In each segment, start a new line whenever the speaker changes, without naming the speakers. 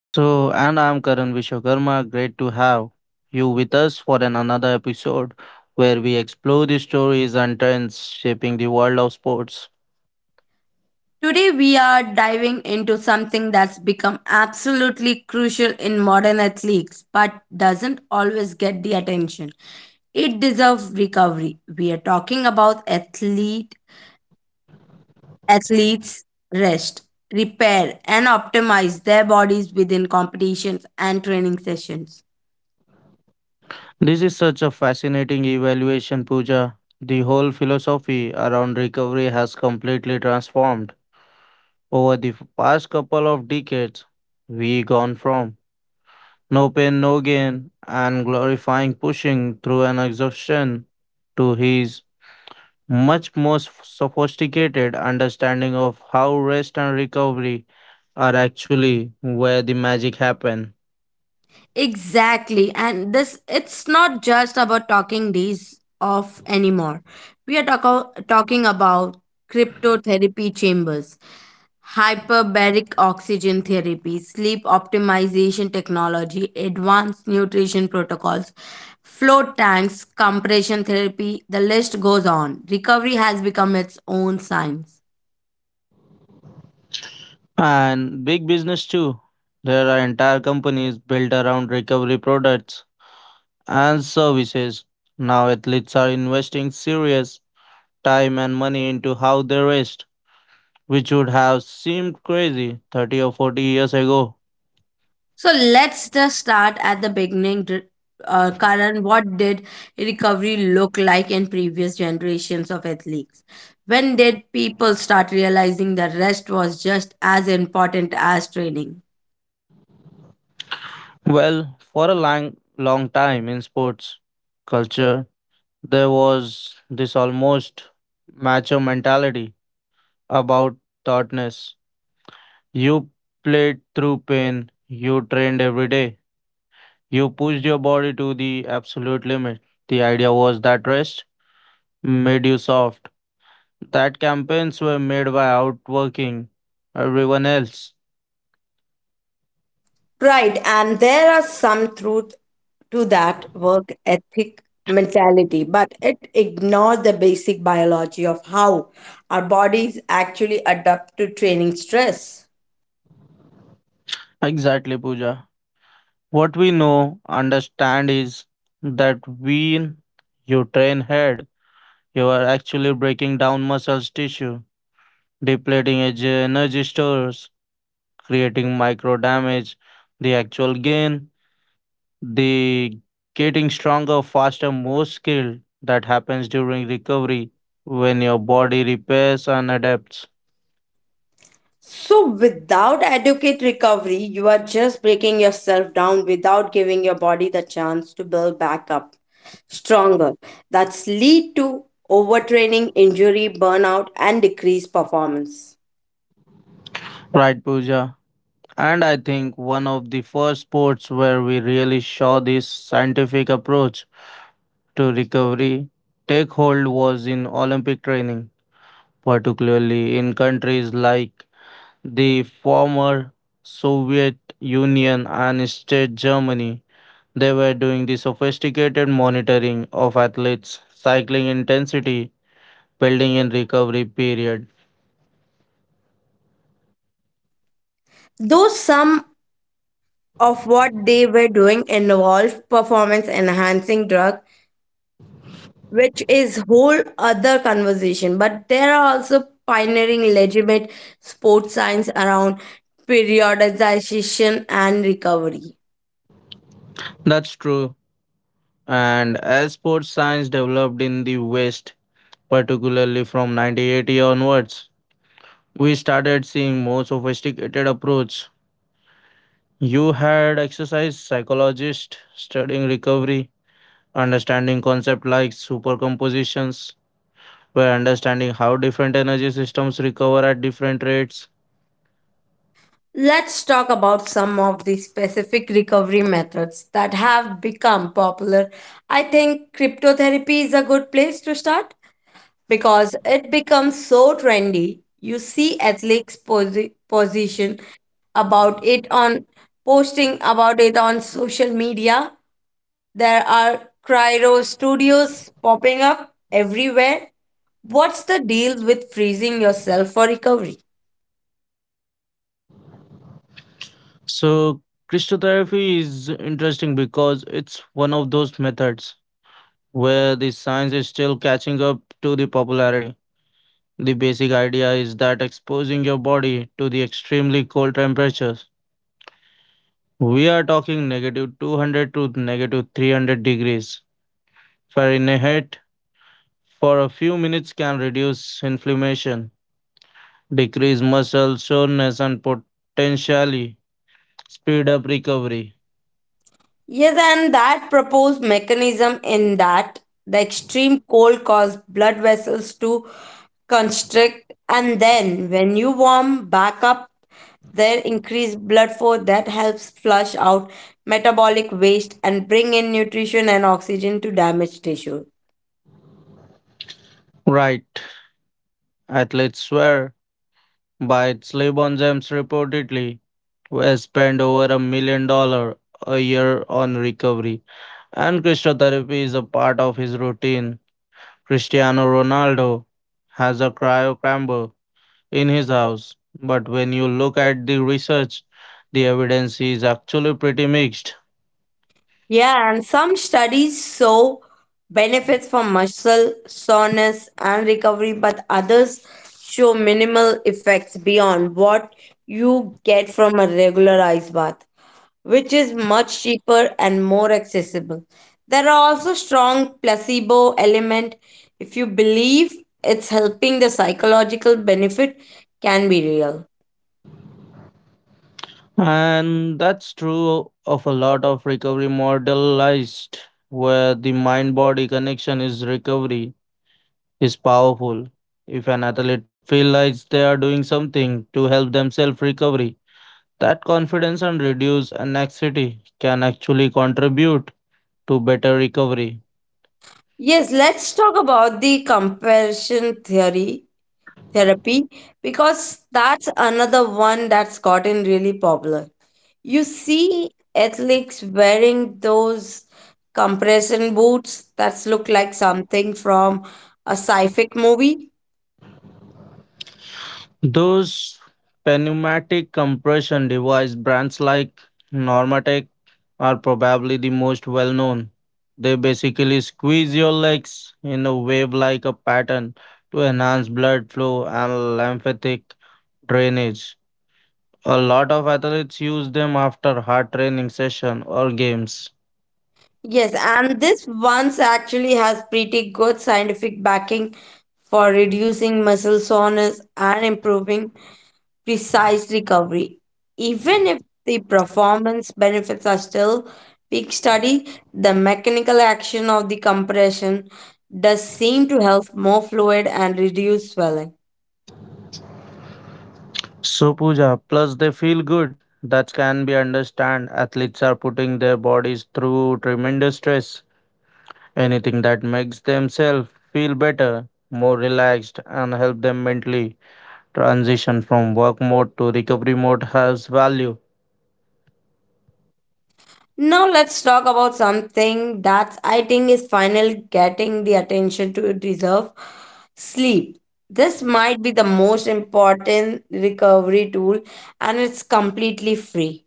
So, and I'm Karan Vishwakarma. Great to have you with us for an another episode where we explore the stories and trends shaping the world of sports.
Today we are diving into something that's become absolutely crucial in modern athletics but doesn't always get the attention. It deserves recovery. We are talking about athletes rest, repair and optimize their bodies within competitions and training sessions.
This is such a fascinating evaluation, Pooja. The whole philosophy around recovery has completely transformed over the past couple of decades. We gone from no pain, no gain, and glorifying pushing through an exhaustion to his much more sophisticated understanding of how rest and recovery are actually where the magic happen.
Exactly. And this it's not just about talking days off anymore. We are talking about cryptotherapy chambers, hyperbaric oxygen therapy, sleep optimization technology, advanced nutrition protocols, float tanks, compression therapy, the list goes on. Recovery has become its own science.
And big business too. There are entire companies built around recovery products and services. Now athletes are investing serious time and money into how they rest, which would have seemed crazy 30 or 40 years ago.
So let's just start at the beginning. Karan, what did recovery look like in previous generations of athletes? When did people start realizing that rest was just as important as training?
Well, for a long time in sports culture, there was this almost macho mentality about toughness. You played through pain, you trained every day, you pushed your body to the absolute limit. The idea was that rest made you soft. That campaigns were made by outworking everyone else.
Right, and there are some truth to that work ethic mentality, but it ignores the basic biology of how our bodies actually adapt to training stress.
Exactly, Pooja. What we understand is that when you train head, you are actually breaking down muscles tissue, depleting edge energy stores, creating micro damage. The actual gain, the getting stronger, faster, more skilled, that happens during recovery when your body repairs and adapts.
So, without adequate recovery, you are just breaking yourself down without giving your body the chance to build back up stronger. That's lead to overtraining, injury, burnout, and decreased performance.
Right, Pooja? And I think one of the first sports where we really saw this scientific approach to recovery take hold was in Olympic training, particularly in countries like the former Soviet Union and State Germany. They were doing the sophisticated monitoring of athletes' cycling intensity, building and recovery period.
Though some of what they were doing involved performance enhancing drug, which is whole other conversation, but there are also pioneering legitimate sports science around periodization and recovery.
That's true. And as sports science developed in the West, particularly from 1980 onwards, we started seeing more sophisticated approach. You had exercise psychologists studying recovery, understanding concepts like supercompositions, by understanding how different energy systems recover at different rates.
Let's talk about some of the specific recovery methods that have become popular. I think cryptotherapy is a good place to start because it becomes so trendy. You see athletes posi- position about it on posting about it on social media. There are cryo studios popping up everywhere. What's the deal with freezing yourself for recovery?
So, crystallography is interesting because it's one of those methods where the science is still catching up to the popularity. The basic idea is that exposing your body to the extremely cold temperatures, we are talking negative 200 to negative 300 degrees Fahrenheit, for a few minutes can reduce inflammation, decrease muscle soreness, and potentially speed up recovery.
Yes, and that proposed mechanism in that the extreme cold caused blood vessels to constrict, and then when you warm back up, there increased blood flow that helps flush out metabolic waste and bring in nutrition and oxygen to damaged tissue.
Right, athletes swear by it. LeBron James reportedly has spent over a million dollars a year on recovery, and cryotherapy is a part of his routine. Cristiano Ronaldo has a cryo chamber in his house, but when you look at the research, the evidence is actually pretty mixed.
Yeah, and some studies show benefits for muscle soreness and recovery, but others show minimal effects beyond what you get from a regular ice bath, which is much cheaper and more accessible. There are also strong placebo element if you believe it's helping the psychological benefit can be real.
And that's true of a lot of recovery modelized, where the mind body connection is recovery is powerful. If an athlete feels they are doing something to help themselves recovery, that confidence and reduce anxiety can actually contribute to better recovery.
Yes, let's talk about the comparison theory therapy because that's another one that's gotten really popular. You see athletes wearing those compression boots that look like something from a sci-fi movie.
Those pneumatic compression device brands like Normatec are probably the most well known. They basically squeeze your legs in a wave like a pattern to enhance blood flow and lymphatic drainage. A lot of athletes use them after hard training session or games.
Yes, and this one's actually has pretty good scientific backing for reducing muscle soreness and improving precise recovery. Even if the performance benefits are still weak study, the mechanical action of the compression does seem to help more fluid and reduce swelling.
So Pooja, plus they feel good. That can be understand. Athletes are putting their bodies through tremendous stress. Anything that makes themselves feel better, more relaxed and help them mentally transition from work mode to recovery mode has value.
Now let's talk about something that I think is finally getting the attention to it deserve sleep. This might be the most important recovery tool and it's completely free.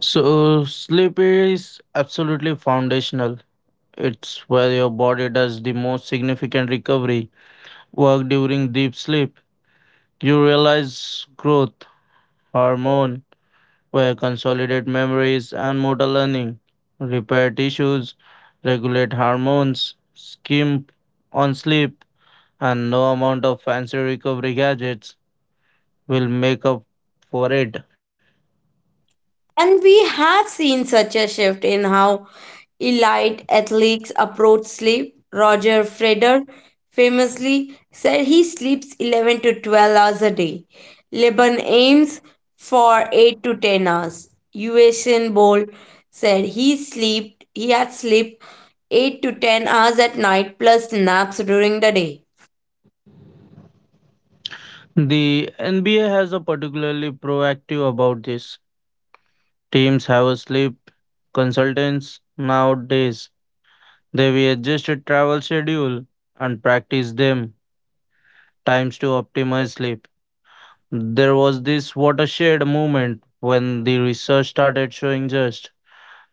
So, sleep is absolutely foundational. It's where your body does the most significant recovery. Work during deep sleep, you realize growth, hormone, where consolidate memories and motor learning, repair tissues, regulate hormones, skimp on sleep, and no amount of fancy recovery gadgets will make up for it.
And we have seen such a shift in how elite athletes approach sleep. Roger Federer famously said he sleeps 11 to 12 hours a day. LeBron aims for 8 to 10 hours. Usain Bolt said he had slept 8 to 10 hours at night plus naps during the day.
The NBA has a particularly proactive about this. Teams have a sleep consultants nowadays. They will adjust a travel schedule and practice them times to optimize sleep. There was this watershed moment when the research started showing just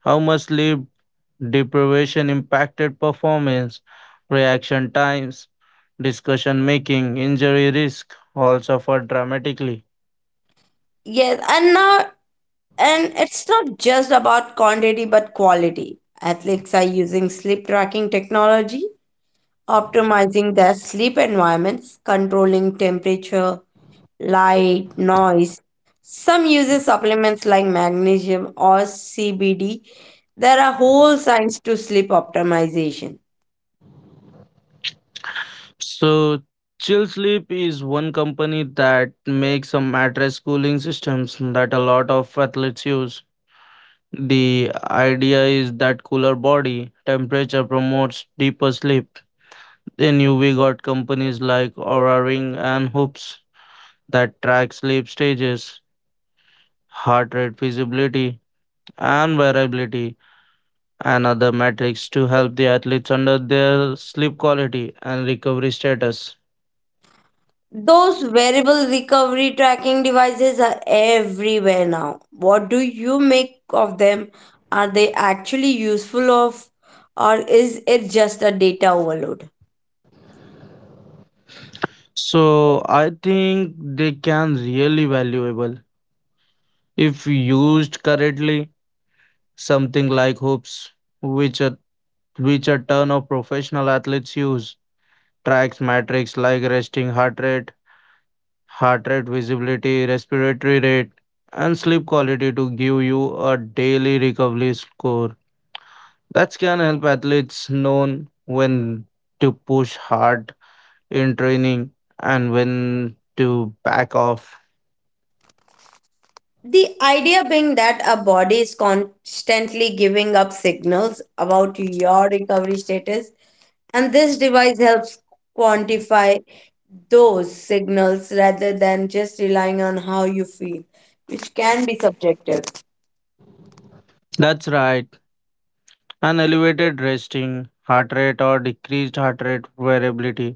how much sleep deprivation impacted performance, reaction times, discussion making, injury risk all suffered dramatically.
Yes, and now and it's not just about quantity but quality. Athletes are using sleep tracking technology, optimizing their sleep environments, controlling temperature, light, noise. Some uses supplements like magnesium or CBD. There are whole science to sleep optimization.
So Chill Sleep is one company that makes some mattress cooling systems that a lot of athletes use. The idea is that cooler body temperature promotes deeper sleep. Then you we got companies like Aura Ring and Hoops that track sleep stages, heart rate feasibility, and variability, and other metrics to help the athletes under their sleep quality and recovery status.
Those wearable recovery tracking devices are everywhere now. What do you make of them? Are they actually useful of or is it just a data overload?
So I think they can really valuable if used correctly. Something like hoops, which a which a ton of professional athletes use, tracks metrics like resting heart rate visibility, respiratory rate, and sleep quality to give you a daily recovery score. That can help athletes know when to push hard in training and when to back off.
The idea being that our body is constantly giving up signals about your recovery status, and this device helps quantify those signals rather than just relying on how you feel, which can be subjective.
That's right. An elevated resting heart rate or decreased heart rate variability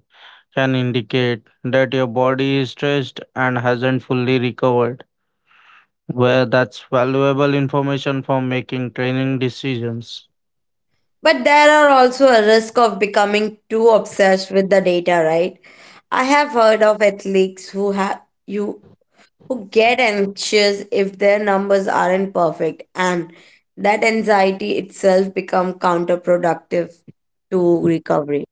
can indicate that your body is stressed and hasn't fully recovered. Well, that's valuable information for making training decisions.
But there are also a risk of becoming too obsessed with the data, right? I have heard of athletes who have you who get anxious if their numbers aren't perfect and that anxiety itself become counterproductive to recovery.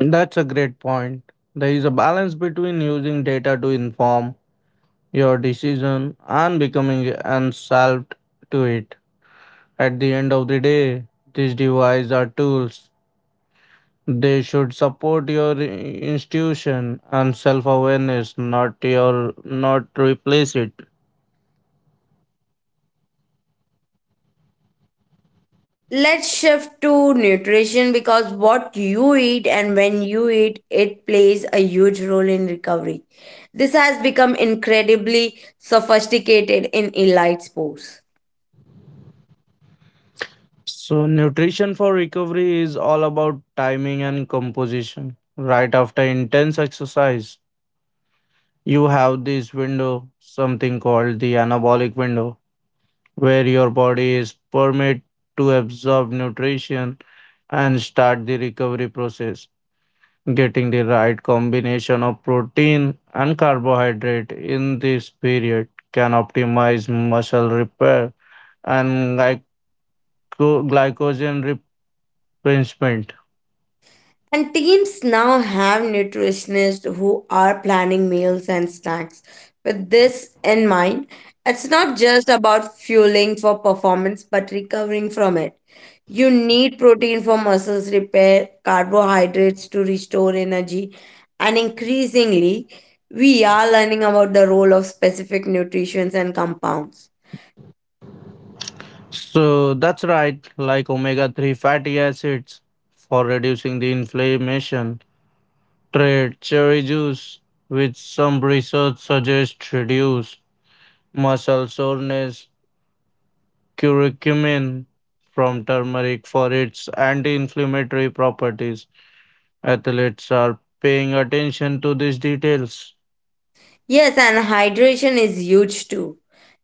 That's a great point. There is a balance between using data to inform your decision and becoming unsolved to it. At the end of the day, these devices are tools. They should support your institution and self-awareness, not replace it.
Let's shift to nutrition because what you eat and when you eat it plays a huge role in recovery. This has become incredibly sophisticated in elite sports.
So nutrition for recovery is all about timing and composition. Right after intense exercise, you have this window, something called the anabolic window, where your body is permitted to absorb nutrition and start the recovery process. Getting the right combination of protein and carbohydrate in this period can optimize muscle repair and glycogen replenishment.
And teams now have nutritionists who are planning meals and snacks. With this in mind, it's not just about fueling for performance but recovering from it. You need protein for muscles repair, carbohydrates to restore energy, and increasingly, we are learning about the role of specific nutrients and compounds.
So that's right, like omega 3 fatty acids for reducing the inflammation. Trade cherry juice, which some research suggests reduce muscle soreness, curcumin from turmeric for its anti inflammatory properties. Athletes are paying attention to these details.
Yes, and hydration is huge too.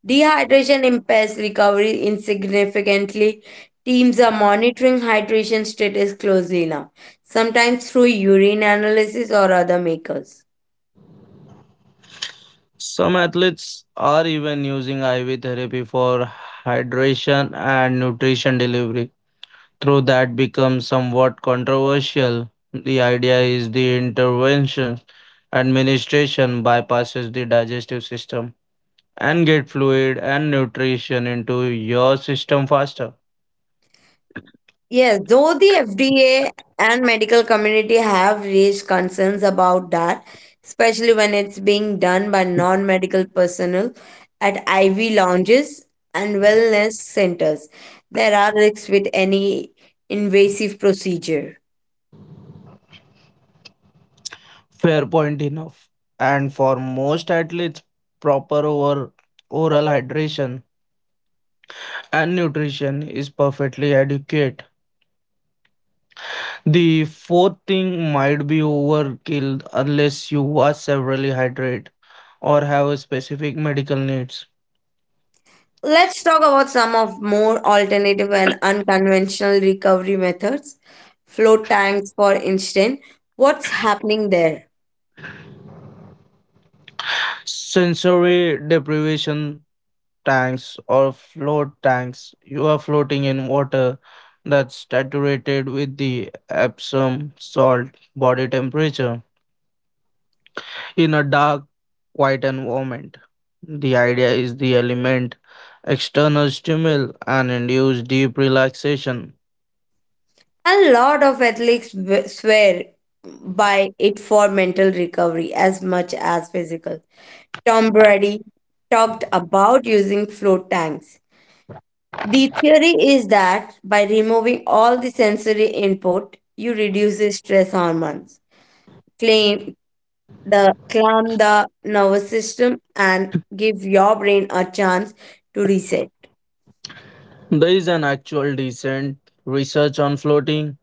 Dehydration impairs recovery insignificantly. Teams are monitoring hydration status closely now, sometimes through urine analysis or other markers.
Some athletes are even using IV therapy for hydration and nutrition delivery. Though that becomes somewhat controversial. The idea is the intervention administration bypasses the digestive system and get fluid and nutrition into your system faster.
Yes, though the FDA and medical community have raised concerns about that, especially when it's being done by non medical personnel at IV lounges and wellness centers. There are risks with any invasive procedure.
Fair point enough. And for most athletes, proper over oral hydration and nutrition is perfectly adequate. The fourth thing might be overkill unless you are severely hydrated or have a specific medical needs.
Let's talk about some of more alternative and unconventional recovery methods. Float tanks, for instance. What's happening there?
Sensory deprivation tanks or float tanks. You are floating in water that's saturated with the Epsom salt body temperature. In a dark, quiet environment, the idea is the element external stimuli and induce deep relaxation.
A lot of athletes swear by it for mental recovery as much as physical. Tom Brady talked about using float tanks. The theory is that by removing all the sensory input, you reduce the stress hormones, claim the calm the nervous system, and give your brain a chance to reset.
There is an actual decent research on floating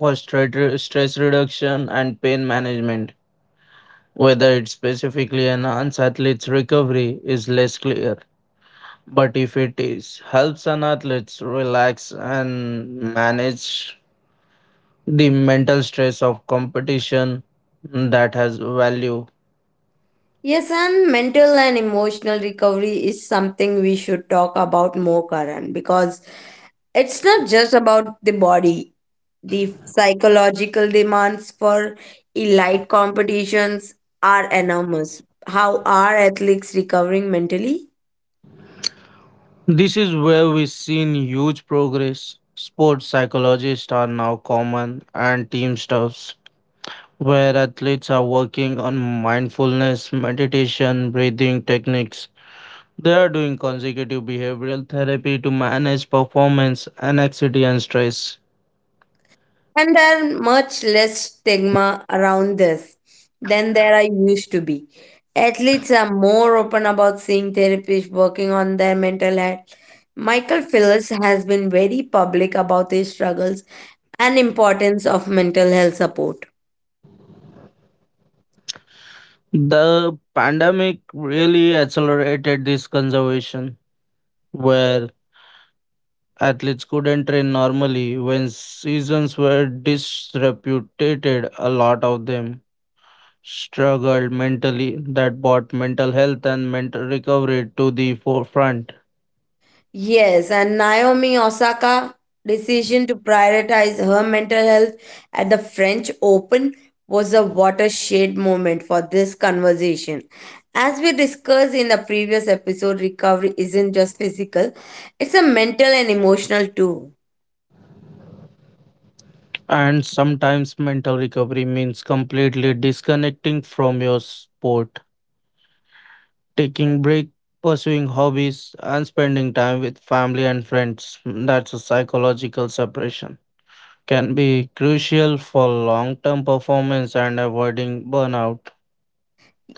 for stress reduction and pain management. Whether it specifically enhances athletes' recovery is less clear, but if it is, helps an athlete relax and manage the mental stress of competition, that has value.
Yes, and mental and emotional recovery is something we should talk about more, Karan, because it's not just about the body. The psychological demands for elite competitions are enormous. How are athletes recovering mentally?
This is where we've seen huge progress. Sports psychologists are now common and team stuffs, where athletes are working on mindfulness, meditation, breathing techniques. They are doing consecutive behavioral therapy to manage performance, anxiety, and stress.
And there are much less stigma around this than there are used to be. Athletes are more open about seeing therapists working on their mental health. Michael Phillips has been very public about his struggles and importance of mental health support.
The pandemic really accelerated this conservation, where athletes couldn't train normally when seasons were disrupted. A lot of them struggled mentally that brought mental health and mental recovery to the forefront.
Yes, and Naomi Osaka decision to prioritize her mental health at the French Open was a watershed moment for this conversation. As we discussed in the previous episode, recovery isn't just physical, it's a mental and emotional too.
And sometimes mental recovery means completely disconnecting from your sport, taking break, pursuing hobbies, and spending time with family and friends. That's a psychological separation. Can be crucial for long term performance and avoiding burnout.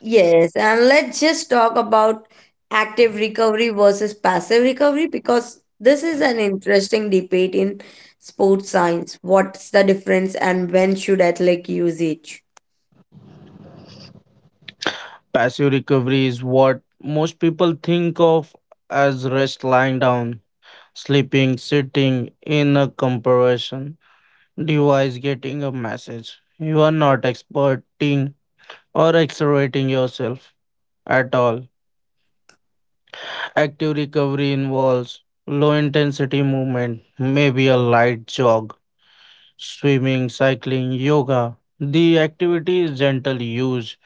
Yes, and let's just talk about active recovery versus passive recovery because this is an interesting debate in sports science. What's the difference and when should athlete use each?
Passive recovery is what most people think of as rest lying down, sleeping, sitting in a compression device, getting a message. You are not exporting or accelerating yourself at all. Active recovery involves low intensity movement, maybe a light jog, swimming, cycling, yoga. The activity is gentle use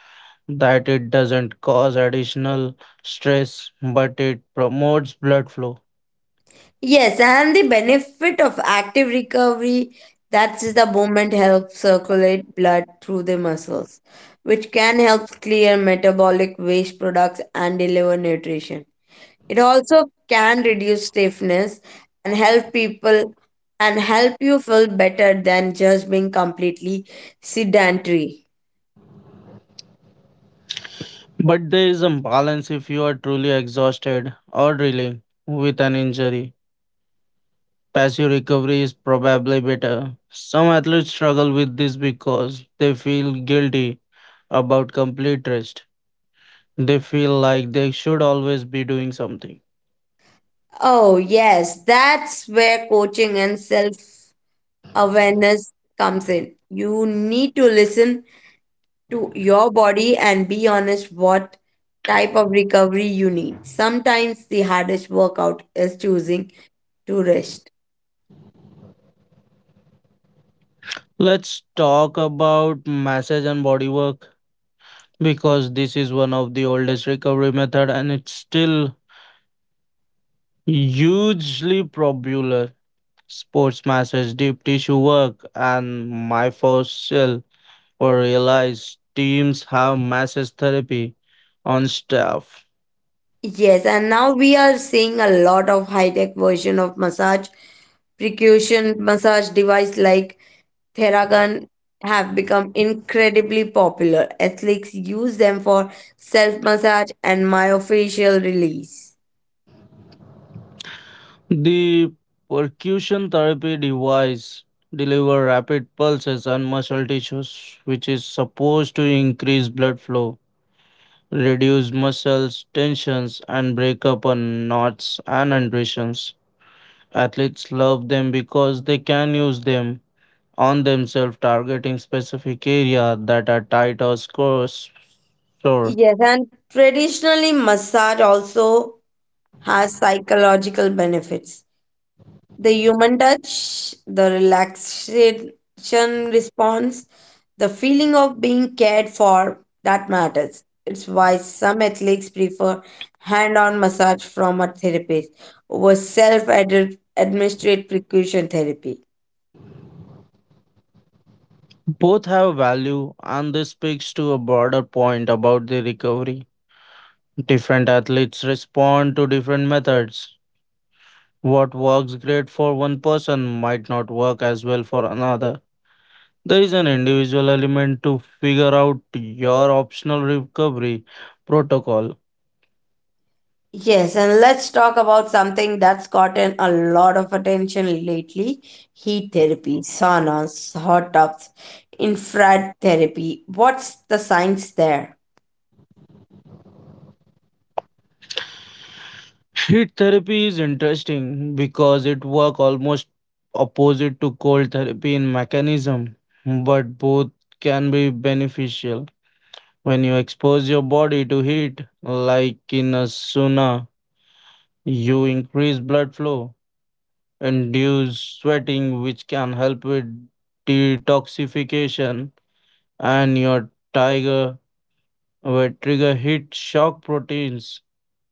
that it doesn't cause additional stress, but it promotes blood flow.
Yes, and the benefit of active recovery that is the movement helps circulate blood through the muscles, which can help clear metabolic waste products and deliver nutrition. It also can reduce stiffness and help people and help you feel better than just being completely sedentary.
But there is a balance if you are truly exhausted or dealing with an injury. Passive recovery is probably better. Some athletes struggle with this because they feel guilty about complete rest. They feel like they should always be doing something.
Oh, yes, that's where coaching and self awareness comes in. You need to listen to your body and be honest what type of recovery you need. Sometimes the hardest workout is choosing to rest.
Let's talk about massage and body work because this is one of the oldest recovery method and it's still hugely popular. Sports matches, deep tissue work, and myofascial were realized. Teams have massage therapy on staff.
Yes, and now we are seeing a lot of high-tech version of massage. Percussion massage device like Theragun have become incredibly popular. Athletes use them for self-massage and myofascial release.
The percussion therapy device deliver rapid pulses on muscle tissues, which is supposed to increase blood flow, reduce muscles tensions, and break up on knots and adhesions. Athletes love them because they can use them on themselves, targeting specific areas that are tight or scarce. Sure.
Yes, and traditionally massage also has psychological benefits. The human touch, the relaxation response, the feeling of being cared for, that matters. It's why some athletes prefer hand on massage from a therapist over self administered percussion therapy.
Both have value, and this speaks to a broader point about the recovery. Different athletes respond to different methods. What works great for one person might not work as well for another. There is an individual element to figure out your optional recovery protocol.
Yes, and let's talk about something that's gotten a lot of attention lately heat therapy, saunas, hot tubs, infrared therapy. What's the science there?
Heat therapy is interesting because it works almost opposite to cold therapy in mechanism, but both can be beneficial. When you expose your body to heat, like in a sauna, you increase blood flow, induce sweating, which can help with detoxification, and your tiger will trigger heat shock proteins,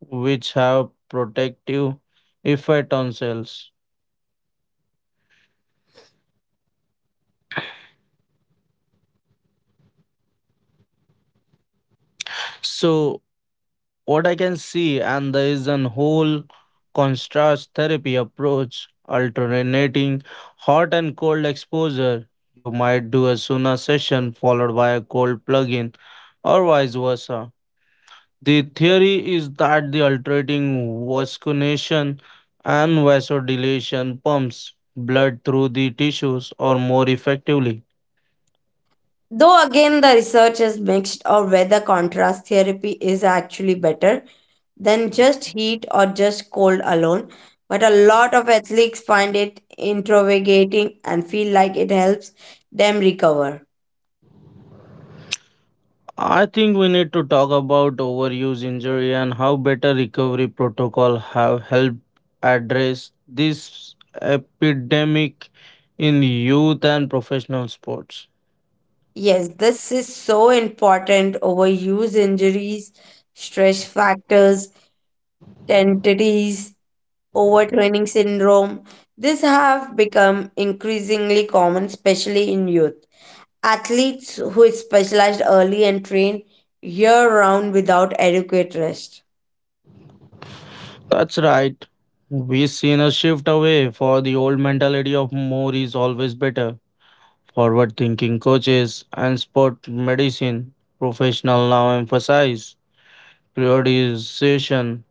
which have protective effect on cells. So, what I can see, and there is an whole contrast therapy approach, alternating hot and cold exposure. You might do a sauna session followed by a cold plug-in, or vice versa. The theory is that the alternating vasculation and vasodilation pumps blood through the tissues or more effectively.
Though again, the research is mixed on whether contrast therapy is actually better than just heat or just cold alone, but a lot of athletes find it introvergating and feel like it helps them recover.
I think we need to talk about overuse injury and how better recovery protocol have helped address this epidemic in youth and professional sports.
Yes, this is so important overuse injuries, stress factors, tendinitis, overtraining syndrome. These have become increasingly common, especially in youth. Athletes who specialized early and train year round without adequate rest.
That's right. We've seen a shift away for the old mentality of more is always better. Forward thinking coaches and sport medicine professional now emphasize prioritization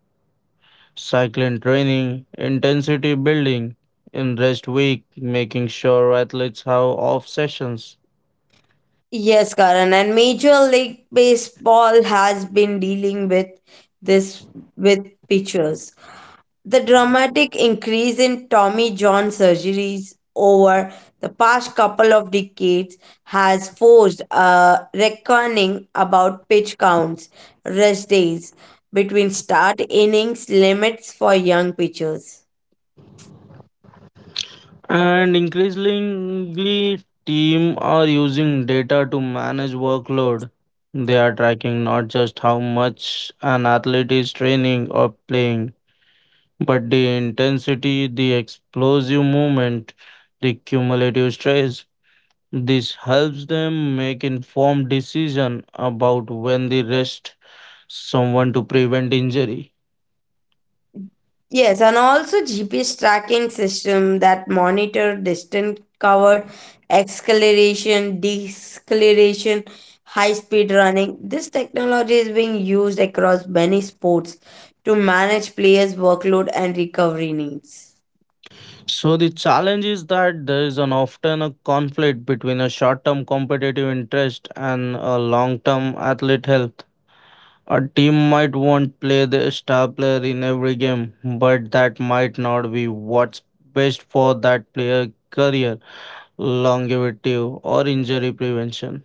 cycling training, intensity building in rest week, making sure athletes have off sessions,
Yes, Karan, and Major League Baseball has been dealing with this with pitchers. The dramatic increase in Tommy John surgeries over the past couple of decades has forced a reckoning about pitch counts, rest days between start innings limits for young pitchers.
and increasingly team are using data to manage workload. They are tracking not just how much an athlete is training or playing, but the intensity, the explosive movement, the cumulative stress. This helps them make informed decision about when the rest someone to prevent injury.
Yes, and also GPS tracking system that monitor distance covered, acceleration, deceleration, high speed running. This technology is being used across many sports to manage players' workload and recovery needs.
So the challenge is that there is an often a conflict between a short-term competitive interest and a long-term athlete health. A team might want play their star player in every game, but that might not be what's best for that player career longevity or injury prevention.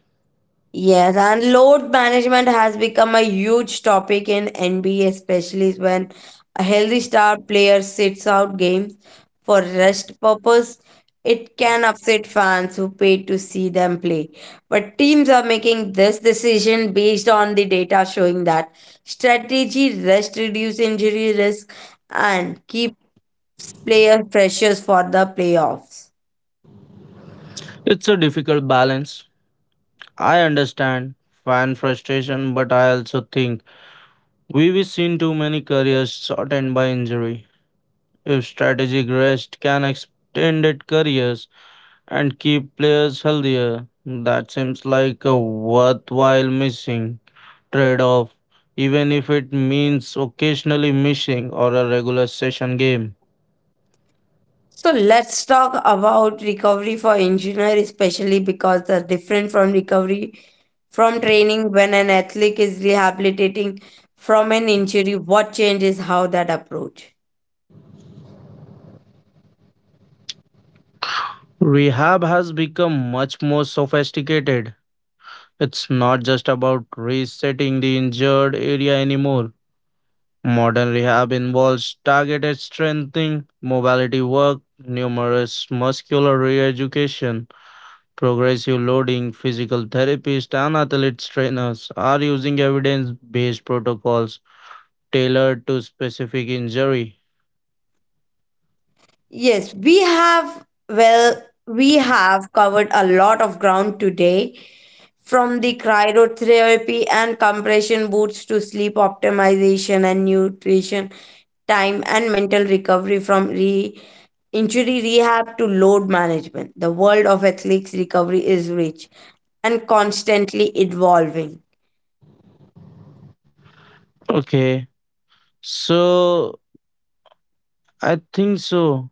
Yes, and load management has become a huge topic in NBA, especially when a healthy star player sits out games for rest purpose. It can upset fans who pay to see them play. But teams are making this decision based on the data showing that strategy rest reduce injury risk and keeps players pressures for the playoffs.
It's a difficult balance. I understand fan frustration, but I also think we've seen too many careers shortened by injury. If strategic rest can extend careers and keep players healthier, that seems like a worthwhile missing trade off, even if it means occasionally missing or a regular session game.
So let's talk about recovery for engineer, especially because they're different from recovery from training. When an athlete is rehabilitating from an injury, what changes how that approach?
Rehab has become much more sophisticated. It's not just about resetting the injured area anymore. Modern rehab involves targeted strengthening, mobility work, numerous muscular re education, progressive loading. Physical therapists and athletes trainers are using evidence based protocols tailored to specific injury.
Yes, we have covered a lot of ground today. From the cryotherapy and compression boots to sleep optimization and nutrition time and mental recovery from injury rehab to load management, the world of athletics recovery is rich and constantly evolving.
Okay, so I think so.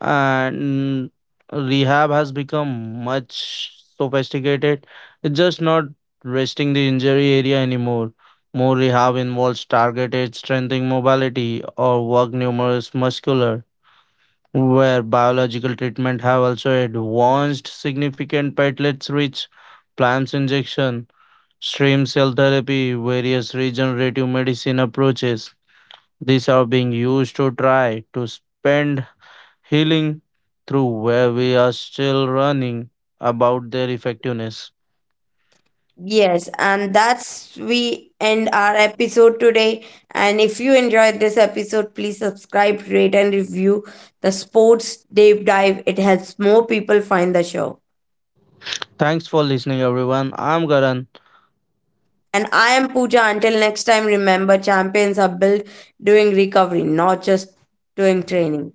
And rehab has become much sophisticated. It's just not resting the injury area anymore. More rehab involves targeted strengthening mobility or work numerous muscular, where biological treatment have also advanced significant platelets rich plants injection, stem cell therapy, various regenerative medicine approaches. These are being used to try to spend healing through where we are still running about their effectiveness.
Yes, and that's we end our episode today, and if you enjoyed this episode, please subscribe, rate and review the Sports Deep Dive. It helps more people find the show.
Thanks for listening, everyone. I'm Karan.
And I am Pooja. Until next time, remember champions are built doing recovery, not just doing training.